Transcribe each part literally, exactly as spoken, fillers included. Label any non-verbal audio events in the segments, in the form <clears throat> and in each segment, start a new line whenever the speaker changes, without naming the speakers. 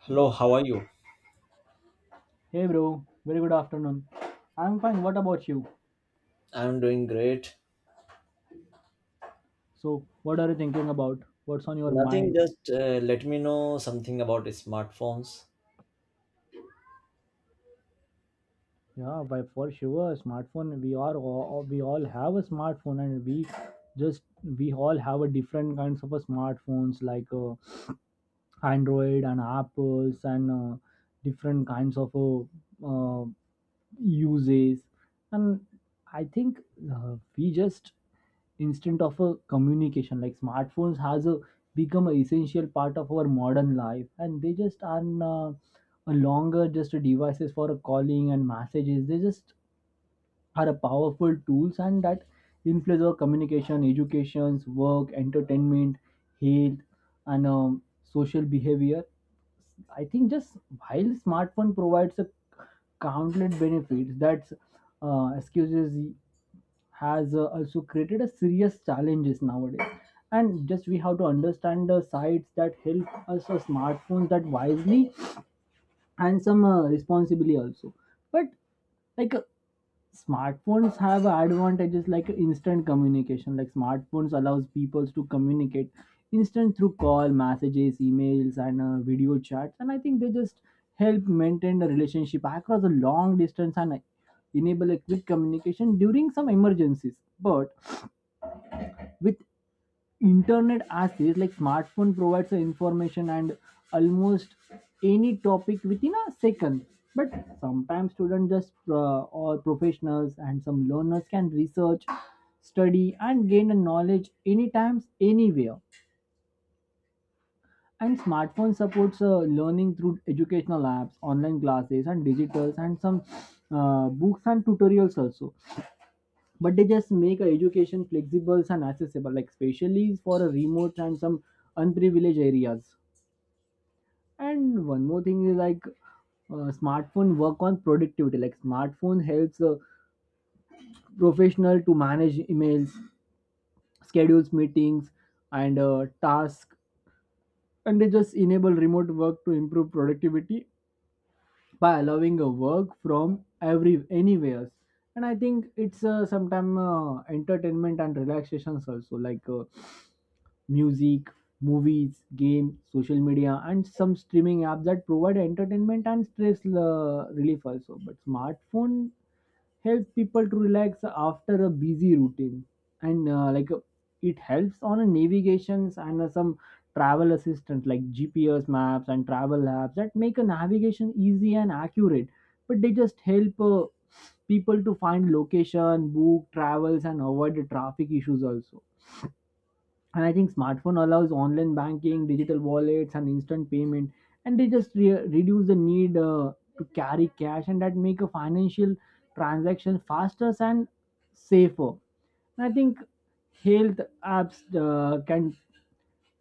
Hello, how are you?
Hey bro, very good afternoon. I'm fine. What about you?
I'm doing great.
So, what are you thinking about? What's on your
Nothing,
mind?
just uh, let me know something about smartphones.
Yeah, by for sure, a smartphone. We are all, we all have a smartphone, and we just we all have a different kinds of a smartphones like uh, Android and Apples and uh, different kinds of uh, uh, uses, and I think uh, we just instant of a communication like smartphones has a, become an essential part of our modern life, and they just are uh, a longer just a devices for a calling and messages. They just are a powerful tools and that influence our communication, educations, work, entertainment, health, and um, social behavior. I think, just while smartphone provides a countless benefits, that uh, excuses has uh, also created a serious challenges nowadays. And just we have to understand the sites that help us, uh, smartphones that wisely and some uh, responsibly also. But like uh, smartphones have advantages like instant communication, like smartphones allows people to communicate instant through call messages emails and uh, video chats. And I think they just help maintain the relationship across a long distance and enable a quick communication during some emergencies. But with internet access, like smartphone provides the information and almost any topic within a second. But sometimes students just uh, or professionals and some learners can research study and gain a knowledge anytime anywhere. And smartphone supports uh, learning through educational apps online classes and digitals and some uh, books and tutorials also. But they just make a education flexible and accessible, like especially for a remote and some unprivileged areas. And one more thing is like uh, smartphone work on productivity, like smartphone helps a professional to manage emails schedules meetings and uh, tasks, and they just enable remote work to improve productivity by allowing a work from every anywhere. And I think it's uh, sometime uh, entertainment and relaxations also, like uh, music, movies, games, social media, and some streaming apps that provide entertainment and stress uh, relief also. But smartphone helps people to relax after a busy routine, and uh, like uh, it helps on a navigations and uh, some travel assistant like G P S maps and travel apps that make a navigation easy and accurate. But they just help. Uh, people to find location book travels and avoid the traffic issues also. And I think smartphone allows online banking digital wallets and instant payment, and they just re- reduce the need uh, to carry cash, and that make a financial transaction faster and safer. And I think health apps uh, can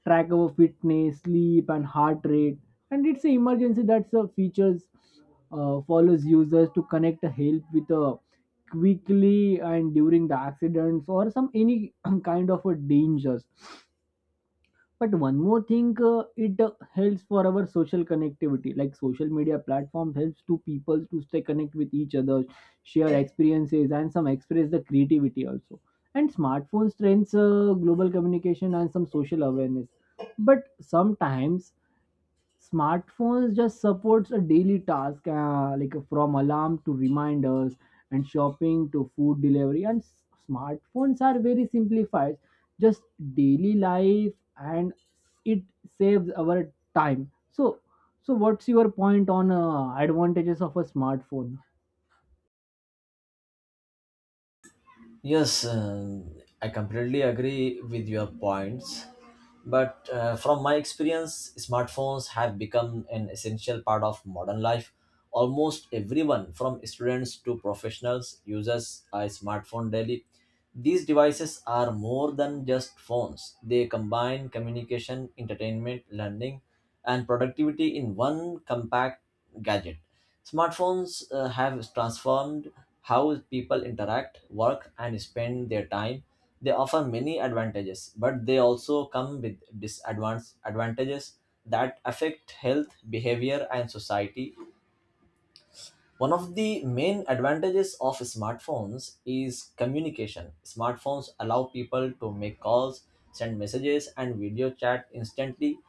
track our fitness sleep and heart rate, and it's an emergency that's a features uh, follows users to connect a help with a quickly and during the accidents or some any <clears throat> kind of a dangers. But one more thing, uh, it uh, helps for our social connectivity. Like social media platform helps to people to stay connect with each other, share experiences, and some express the creativity also. And smartphone trends uh, global communication and some social awareness. But sometimes smartphones just supports a daily task uh, like from alarm to reminders and shopping to food delivery, and s- smartphones are very simplified just daily life, and it saves our time. So so what's your point on uh, advantages of a smartphone?
Yes, um, I completely agree with your points. But uh, from my experience, smartphones have become an essential part of modern life. Almost everyone, from students to professionals, uses a smartphone daily. These devices are more than just phones, they combine communication, entertainment, learning, and productivity in one compact gadget. Smartphones uh, have transformed how people interact, work, and spend their time. They offer many advantages, but they also come with disadvantages that affect health, behavior, and society. One of the main advantages of smartphones is communication. Smartphones allow people to make calls, send messages, and video chat instantly.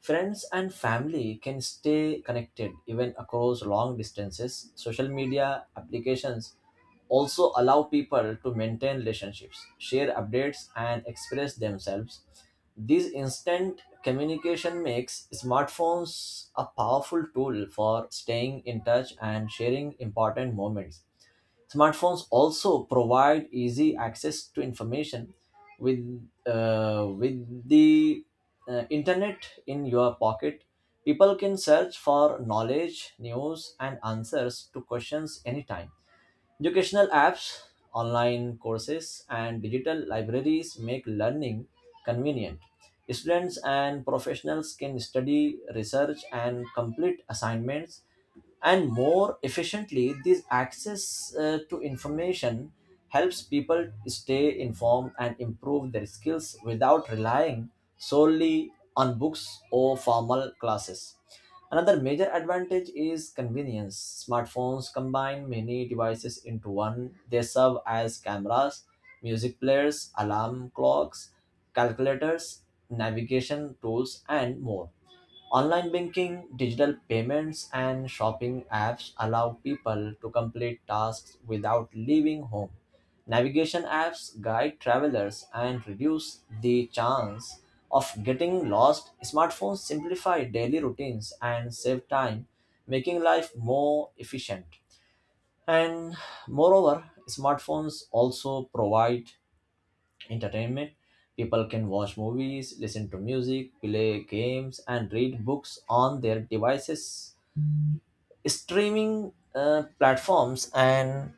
Friends and family can stay connected even across long distances. Social media applications also allow people to maintain relationships, share updates, and express themselves. This instant communication makes smartphones a powerful tool for staying in touch and sharing important moments. Smartphones also provide easy access to information with uh, with the uh, internet in your pocket. People can search for knowledge, news, and answers to questions anytime. Educational apps, online courses, and digital libraries make learning convenient. Students and professionals can study, research, and complete assignments and more efficiently. This access uh, to information helps people stay informed and improve their skills without relying solely on books or formal classes. Another major advantage is convenience. Smartphones combine many devices into one. They serve as cameras, music players, alarm clocks, calculators, navigation tools, and more. Online banking, digital payments, and shopping apps allow people to complete tasks without leaving home. Navigation apps guide travelers and reduce the chance of getting lost. Smartphones simplify daily routines and save time, making life more efficient. And moreover, smartphones also provide entertainment. People can watch movies, listen to music, play games, and read books on their devices. Streaming uh, platforms and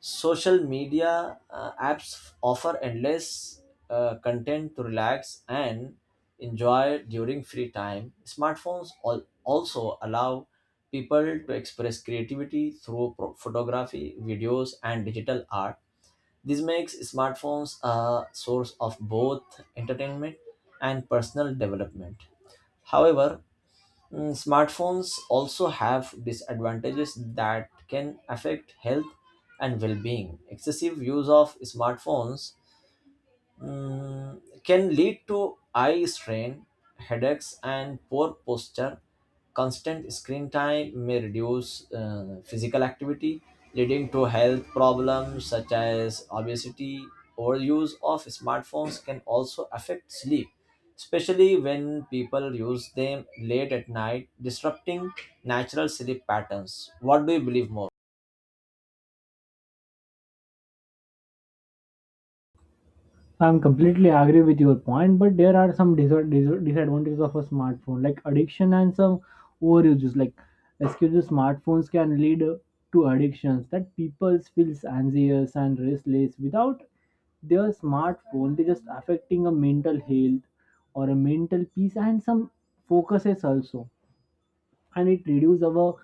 social media uh, apps offer endless uh, content to relax and enjoy during free time. Smartphones al- also allow people to express creativity through pro- photography, videos, and digital art. This makes smartphones a source of both entertainment and personal development. However, mm, smartphones also have disadvantages that can affect health and well being. Excessive use of smartphones mm, can lead to eye strain, headaches, and poor posture. Constant screen time may reduce uh, physical activity, leading to health problems such as obesity. Overuse of smartphones can also affect sleep, especially when people use them late at night, disrupting natural sleep patterns. What do you believe more?
I'm completely agree with your point, but there are some dis- dis- disadvantages of a smartphone, like addiction and some overuses. Like, excuse smartphones can lead to addictions that people feels anxious and restless without their smartphone. They just affecting a mental health or a mental peace and some focuses also, and it reduces our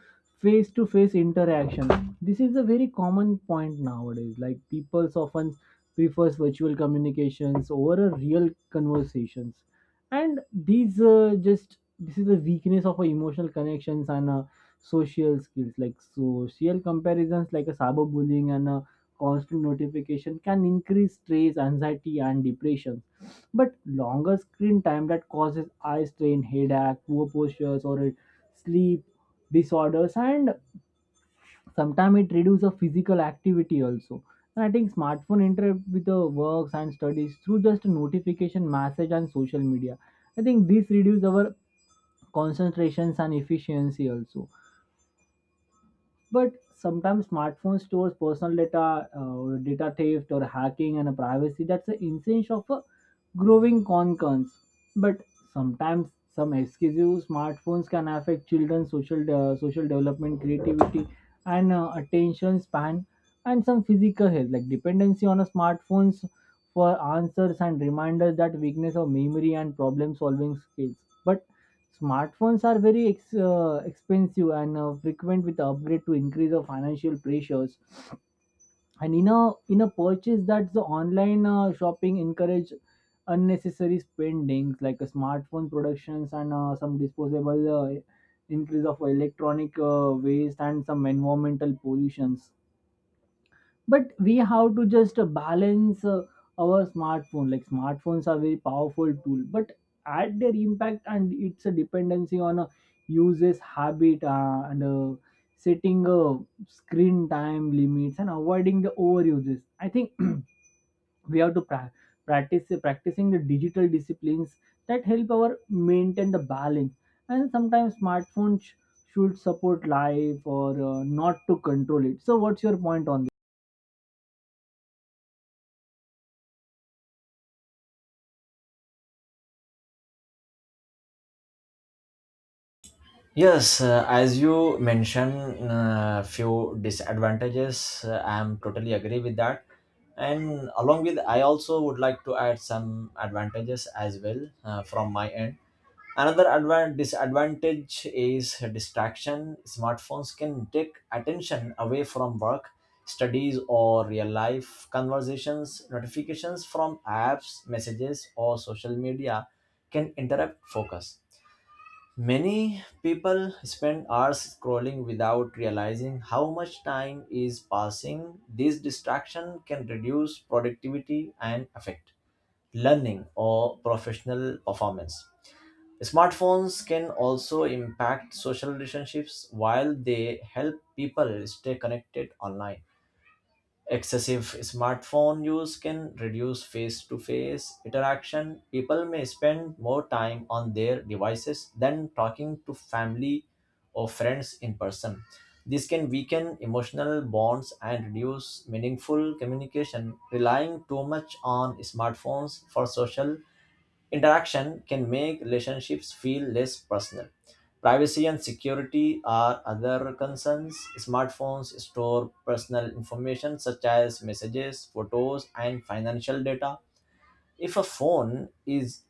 face to face interaction. This is a very common point nowadays, like people often prefers virtual communications over a real conversations. And these uh, just this is the weakness of our emotional connections and uh, social skills, like social comparisons like a cyberbullying and a constant notification can increase stress anxiety and depression. But longer screen time that causes eye strain headache poor postures or a sleep disorders, and sometimes it reduces physical activity also. And I think smartphone interrupt with the works and studies through just notification message and social media. I think this reduces our concentrations and efficiency also. But sometimes smartphone stores personal data, uh, or data theft or hacking and privacy. That's the essence of a growing concerns. But sometimes some exclusive smartphones can affect children's social uh, social development, creativity, and uh, attention span, and some physical health, like dependency on a smartphones for answers and reminders that weakness of memory and problem solving skills. But smartphones are very ex- uh, expensive and uh, frequent with upgrade to increase of financial pressures. And in a in a purchase that the online uh, shopping encourage unnecessary spendings, like a smartphone productions and uh, some disposable uh, increase of electronic uh, waste and some environmental pollutions. But we have to just uh, balance uh, our smartphone. Like smartphones are very powerful tool, but at their impact and it's a dependency on a user's habit uh, and uh, setting uh, screen time limits and avoiding the overuses. I think <clears throat> we have to pra- practice practicing the digital disciplines that help our maintain the balance. And sometimes smartphones sh- should support life or uh, not to control it. So what's your point on?
Yes, uh, as you mentioned, uh, few disadvantages. Uh, I am totally agree with that, and along with I also would like to add some advantages as well uh, from my end. Another advan- disadvantage is distraction. Smartphones can take attention away from work, studies, or real life conversations. Notifications from apps, messages, or social media can interrupt focus. Many people spend hours scrolling without realizing how much time is passing. This distraction can reduce productivity and affect learning or professional performance. Smartphones can also impact social relationships while they help people stay connected online. Excessive smartphone use can reduce face to face interaction. People may spend more time on their devices than talking to family or friends in person. This can weaken emotional bonds and reduce meaningful communication. Relying too much on smartphones for social interaction can make relationships feel less personal. Privacy and security are other concerns. Smartphones store personal information such as messages, photos, and financial data. If a phone is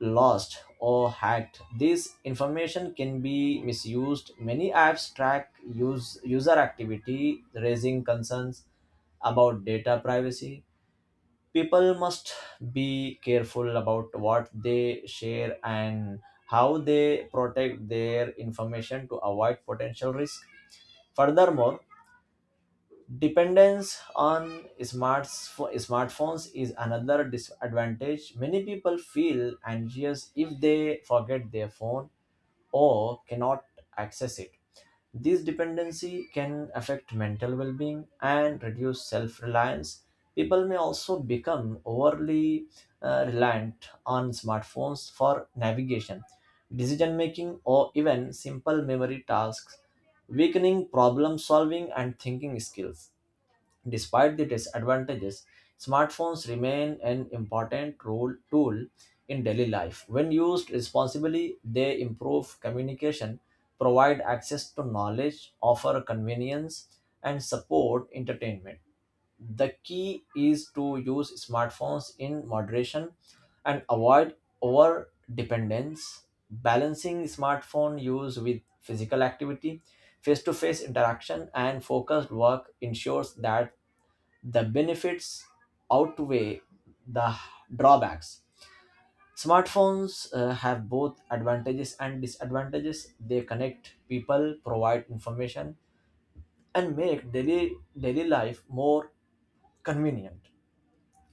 lost or hacked, this information can be misused. Many apps track use, user activity, raising concerns about data privacy. People must be careful about what they share and how they protect their information to avoid potential risk. Furthermore, dependence on smarts- smartphones is another disadvantage. Many people feel anxious if they forget their phone or cannot access it. This dependency can affect mental well being and reduce self reliance. People may also become overly uh, reliant on smartphones for navigation, decision making, or even simple memory tasks, weakening problem solving and thinking skills. Despite the disadvantages, smartphones remain an important role tool in daily life. When used responsibly, they improve communication, provide access to knowledge, offer convenience, and support entertainment. The key is to use smartphones in moderation and avoid over dependence. Balancing smartphone use with physical activity, face to face interaction, and focused work ensures that the benefits outweigh the drawbacks. Smartphones uh, have both advantages and disadvantages. They connect people, provide information, and make daily, daily life more convenient,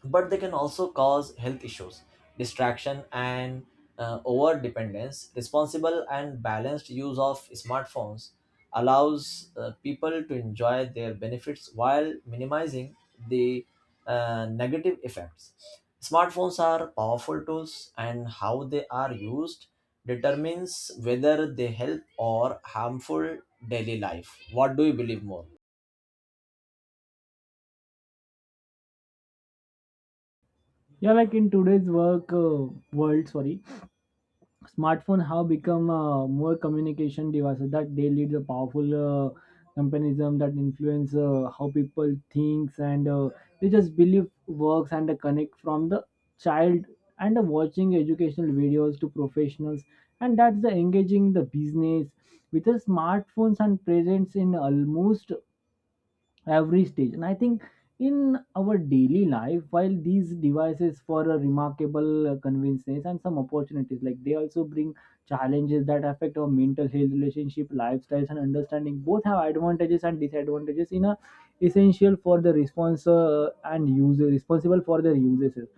but they can also cause health issues, distraction, and uh, over dependence. Responsible and balanced use of smartphones allows uh, people to enjoy their benefits while minimizing the uh, negative effects. Smartphones are powerful tools, and how they are used determines whether they help or harmful daily life. What do you believe more?
Yeah, like in today's work uh, world, sorry, smartphone have become uh, more communication devices that they lead a powerful uh, comparison that influence uh, how people thinks and uh, they just believe works and uh, connect from the child and uh, watching educational videos to professionals, and that's the engaging the business with the smartphones and presence in almost every stage. And I think in our daily life, while these devices for a remarkable uh, convenience and some opportunities, like they also bring challenges that affect our mental health relationship lifestyles and understanding, both have advantages and disadvantages in a essential for the response uh, and user responsible for their uses.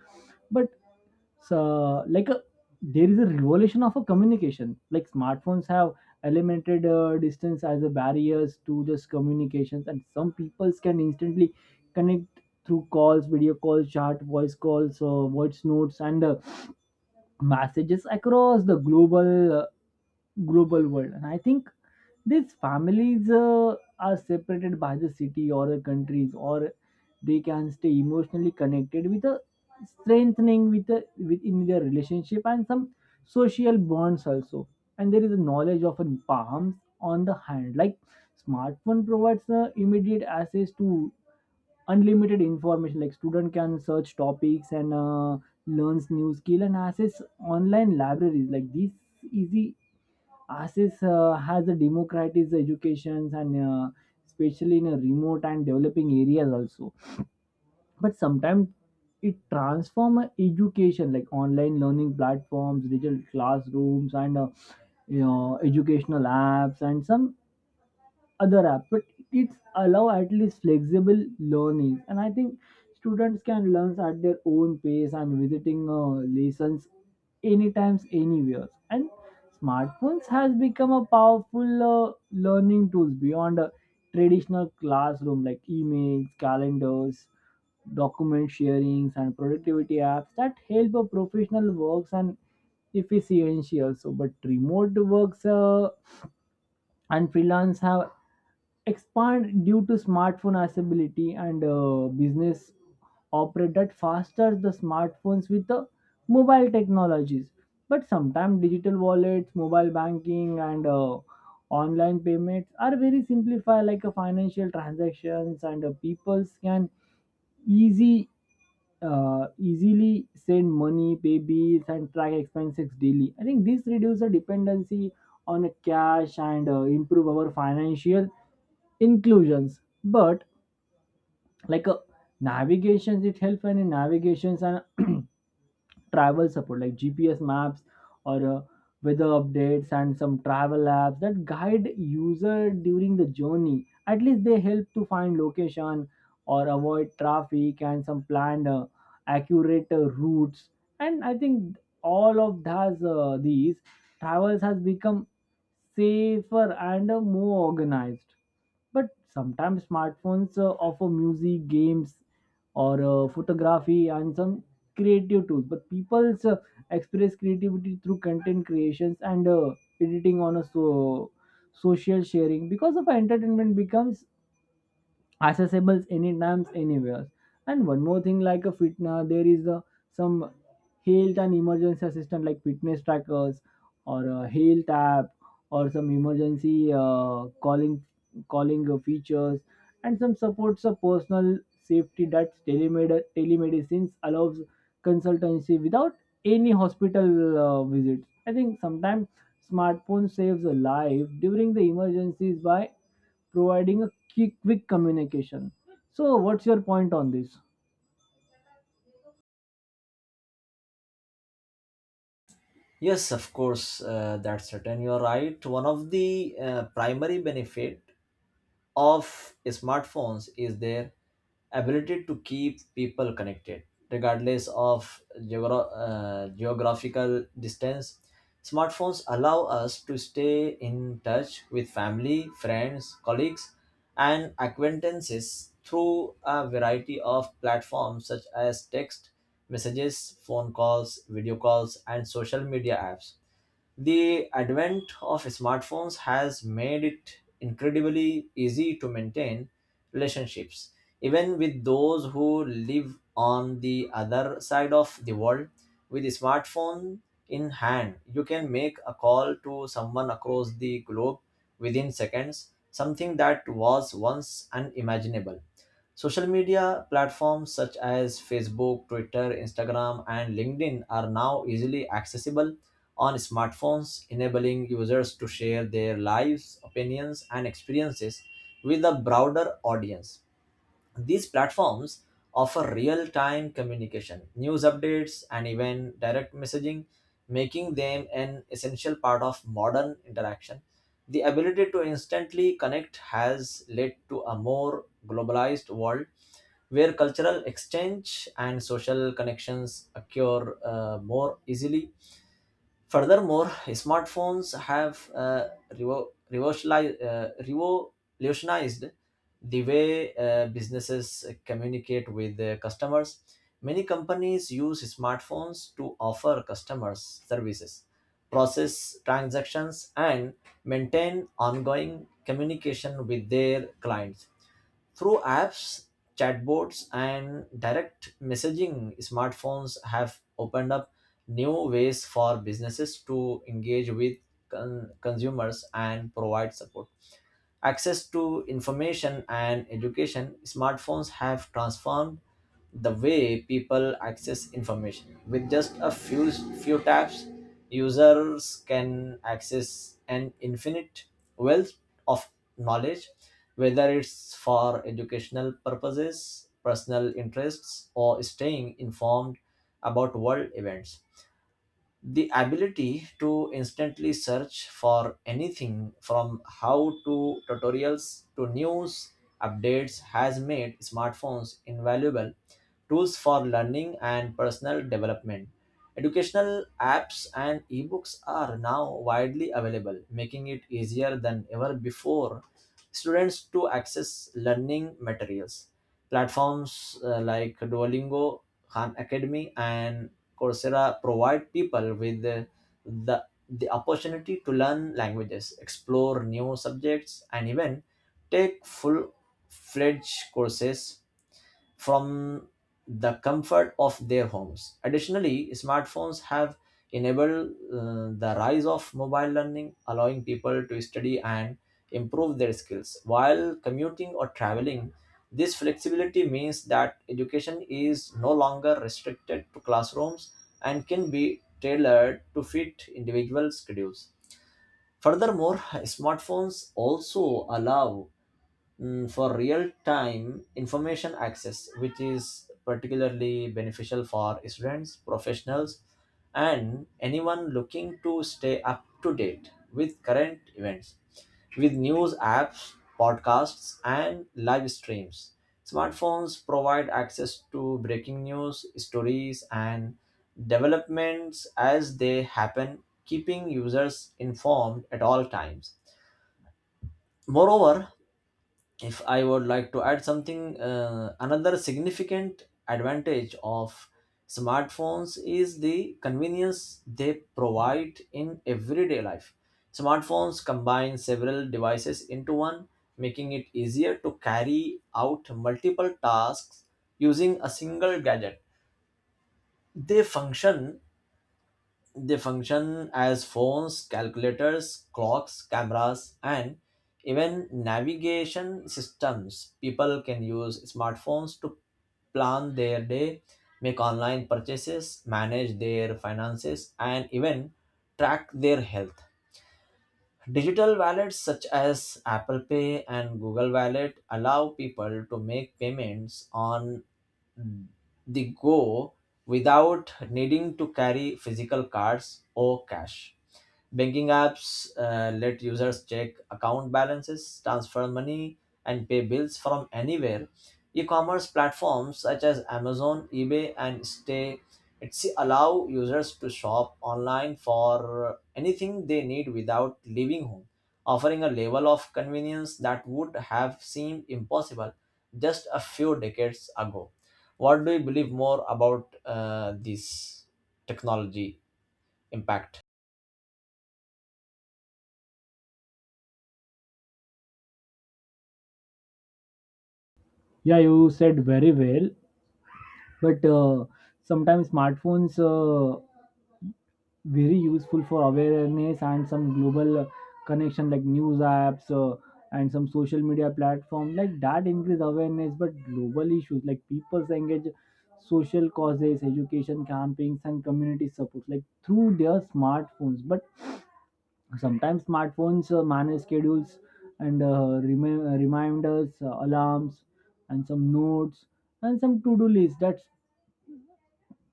So like a, there is a revolution of a communication, like smartphones have eliminated uh, distance as a barriers to just communications, and some peoples can instantly connect through calls video calls chat voice calls uh, voice notes and uh, messages across the global uh, global world. And I think these families uh, are separated by the city or the countries, or they can stay emotionally connected with a strengthening with a, within their relationship and some social bonds also. And there is a knowledge of a palms on the hand, like smartphone provides uh, immediate access to unlimited information, like student can search topics and uh, learns new skill and access online libraries. Like this easy access uh, has a democratized educations, and uh, especially in a remote and developing areas also. But sometimes it transforms education, like online learning platforms digital classrooms and uh, you know educational apps and some other app. But it's allow at least flexible learning, and I think students can learn at their own pace and visiting uh, lessons anytime anywhere. And smartphones has become a powerful uh, learning tools beyond a traditional classroom, like emails calendars document sharings and productivity apps that help a professional works and efficiency also. But remote works uh, and freelance have expand due to smartphone accessibility, and uh, business operated faster the smartphones with the mobile technologies. But sometimes digital wallets mobile banking and uh, online payments are very simplified, like a financial transactions, and uh, people can easy uh, easily send money, pay bills, and track expenses daily. I think this reduces the dependency on cash and uh, improve our financial inclusions. But like uh, navigations, it helps in navigations and <clears throat> travel support like G P S maps or uh, weather updates and some travel apps that guide user during the journey. At least they help to find location or avoid traffic and some planned uh, accurate uh, routes. And I think all of those uh, these travels has become safer and uh, more organized. But sometimes smartphones uh, offer music, games, or uh, photography and some creative tools. But people uh, express creativity through content creations and uh, editing on a so social sharing because of entertainment becomes accessible anytime anywhere. And one more thing, like a fit uh, there is uh, some health and emergency assistant like fitness trackers or a health app or some emergency uh, calling calling uh, features and some supports of personal safety that telemed- telemedicine allows consultancy without any hospital uh, visits. I think sometimes smartphone saves a life during the emergencies by providing a ki- quick communication. So, what's your point on this?
Yes, of course, uh, that's certain. You're right. One of the uh, primary benefit of smartphones is their ability to keep people connected, regardless of geogra- uh, geographical distance. Smartphones allow us to stay in touch with family, friends, colleagues, and acquaintances through a variety of platforms such as text messages, phone calls, video calls, and social media apps. The advent of smartphones has made it incredibly easy to maintain relationships, even with those who live on the other side of the world. With a smartphone in hand, you can make a call to someone across the globe within seconds, something that was once unimaginable. Social media platforms such as Facebook, Twitter, Instagram, and LinkedIn are now easily accessible on smartphones, enabling users to share their lives, opinions, and experiences with a broader audience. These platforms offer real time communication, news updates, and even direct messaging, making them an essential part of modern interaction. The ability to instantly connect has led to a more globalized world where cultural exchange and social connections occur uh, more easily. Furthermore, smartphones have uh, revo- revolutioni- uh, revolutionized the way uh, businesses communicate with their customers. Many companies use smartphones to offer customers services, process transactions, and maintain ongoing communication with their clients. Through apps, chatbots, and direct messaging, smartphones have opened up new ways for businesses to engage with con- consumers and provide support. Access to information and education, smartphones have transformed the way people access information. With just a few few taps, users can access an infinite wealth of knowledge, whether it's for educational purposes, personal interests, or staying informed about world events. The ability to instantly search for anything from how to tutorials to news updates has made smartphones invaluable tools for learning and personal development. Educational apps and ebooks are now widely available, making it easier than ever before students to access learning materials. Platforms uh, like Duolingo, Khan Academy, and Coursera provide people with the, the the opportunity to learn languages, explore new subjects, and even take full-fledged courses from the comfort of their homes. Additionally, smartphones have enabled uh, the rise of mobile learning, allowing people to study and improve their skills while commuting or traveling. This flexibility means that education is no longer restricted to classrooms and can be tailored to fit individual schedules. Furthermore, <laughs> smartphones also allow mm, for real time information access, which is particularly beneficial for students, professionals, and anyone looking to stay up to date with current events. With news apps, podcasts, and live streams, smartphones provide access to breaking news, stories, and developments as they happen, keeping users informed at all times. Moreover, if I would like to add something, uh, another significant advantage of smartphones is the convenience they provide in everyday life. Smartphones combine several devices into one, making it easier to carry out multiple tasks using a single gadget. They function they function as phones, calculators, clocks, cameras, and even navigation systems. People can use smartphones to plan their day, make online purchases, manage their finances, and even track their health. Digital wallets such as Apple Pay and Google Wallet allow people to make payments on the go without needing to carry physical cards or cash. Banking apps uh, let users check account balances, transfer money, and pay bills from anywhere. E commerce platforms such as Amazon, eBay, and Stay Etsy allow users to shop online for anything they need without leaving home, offering a level of convenience that would have seemed impossible just a few decades ago. What do you believe more about uh, this technology impact?
Yeah, you said very well, but uh, sometimes smartphones uh, very useful for awareness and some global uh, connection like news apps uh, and some social media platform like that increase awareness, but global issues like people's engage social causes, education campaigns, and community support like through their smartphones. But sometimes smartphones uh, manage schedules and uh, remi- uh, reminders, uh, alarms, and some notes and some to-do lists that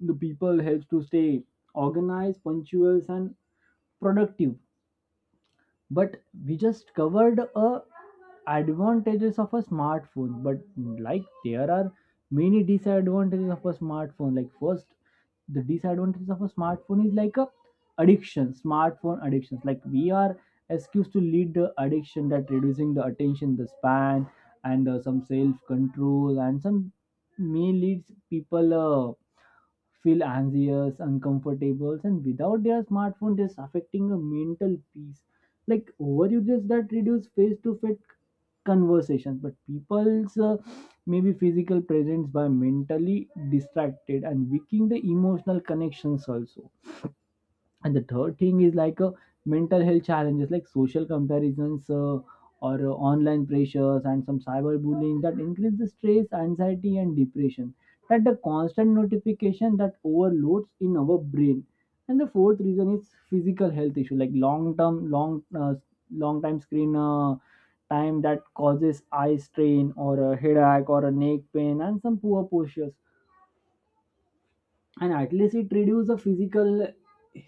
the people helps to stay organized, punctual, and productive. But we just covered a advantages of a smartphone, but like there are many disadvantages of a smartphone. Like, first, the disadvantages of a smartphone is like a addiction. Smartphone addictions, like we are excused to lead the addiction that reducing the attention the span and uh, some self control and some may leads people uh, feel anxious uncomfortable and without their smartphone this affecting a mental peace, like overuses that reduce face to face conversations. But people's uh, maybe physical presence by mentally distracted and weakening the emotional connections also. And the third thing is like uh, mental health challenges, like social comparisons uh, or uh, online pressures and some cyberbullying that increase the stress anxiety and depression, that the constant notification that overloads in our brain. And the fourth reason is physical health issue, like long term long uh, long time screen uh, time that causes eye strain or a headache or a neck pain and some poor postures. And at least it reduces the physical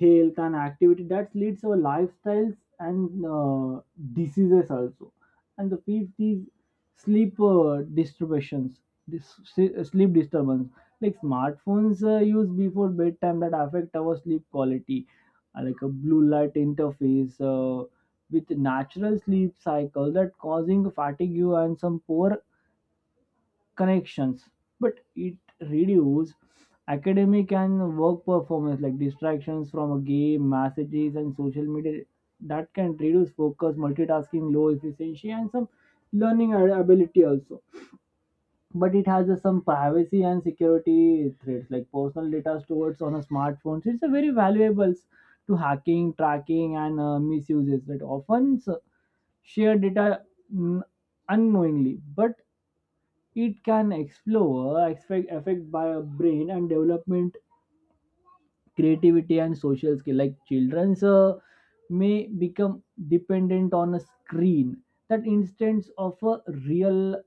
health and activity that leads to lifestyles and uh, diseases also. And the fifth is sleep uh, disturbances. This s- sleep disturbance, like smartphones uh, used before bedtime that affect our sleep quality. Uh, like a blue light interface uh, with natural sleep cycle that causing fatigue and some poor connections. But it reduces academic and work performance, like distractions from a game messages and social media that can reduce focus multitasking low efficiency and some learning ab- ability also. But it has a, some privacy and security threats, like personal data stored on a smartphone, it's a very valuable s- to hacking tracking and uh, misuses that often s- share data, mm, unknowingly. But it can explore affect, affect by a brain and development, creativity and social skill. Like children's uh, may become dependent on a screen that instance of a real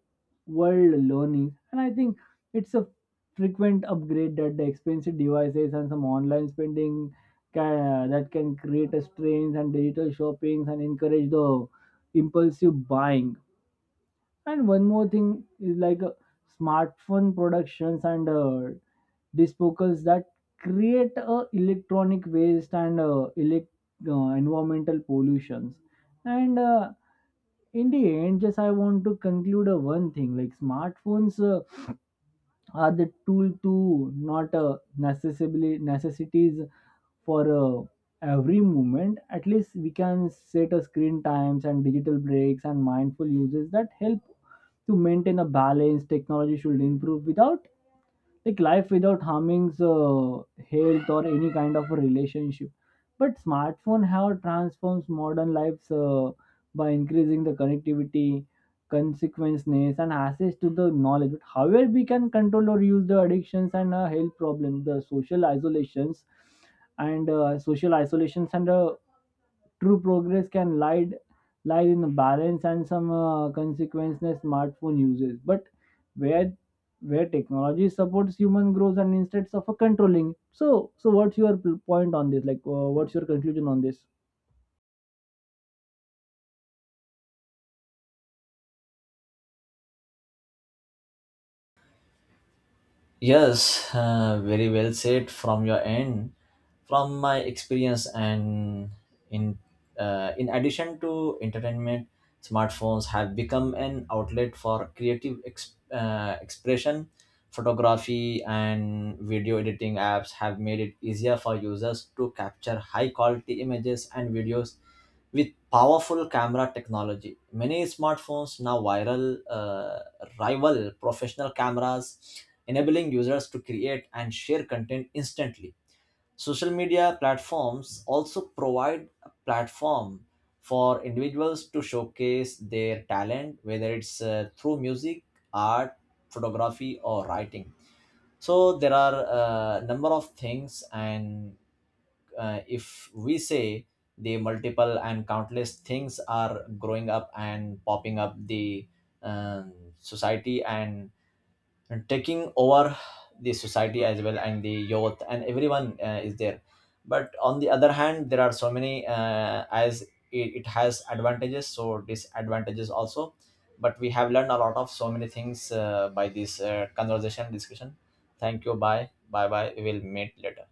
world learning. And I think it's a frequent upgrade that the expensive devices and some online spending can, that can create a strains and digital shoppings and encourage the impulsive buying. And one more thing is like uh, smartphone productions and uh, disposals that create uh, electronic waste and uh, elect, uh, environmental pollutions. And uh, in the end, just I want to conclude uh, one thing, like smartphones uh, are the tool to not uh, necessarily necessities for uh, every movement. At least we can set a screen times and digital breaks and mindful uses that help to maintain a balance. Technology should improve without like life without harming uh, health or any kind of a relationship. But smartphone have transforms modern lives uh, by increasing the connectivity consequences and access to the knowledge. But however we can control or use the addictions and uh, health problems, the social isolations and uh, social isolations and uh, true progress can lie lies in the balance and some uh, consequences smartphone uses. But where where technology supports human growth and instead of a controlling. So so what's your p- point on this, like uh, what's your conclusion on this?
Yes, uh, very well said from your end. From my experience, and in uh, in addition to entertainment, smartphones have become an outlet for creative ex- uh, expression. Photography and video editing apps have made it easier for users to capture high quality images and videos with powerful camera technology. Many smartphones now viral uh, rival professional cameras, enabling users to create and share content instantly. Social media platforms also provide a platform for individuals to showcase their talent, whether it's uh, through music, art, photography, or writing. So there are a number of things, and uh, if we say, the multiple and countless things are growing up and popping up the um, society and taking over the society as well, and the youth and everyone uh, is there. But on the other hand, there are so many, uh, as it, it has advantages so disadvantages also. But we have learned a lot of so many things uh, by this uh, conversation discussion. Thank you. Bye bye bye, we will meet later.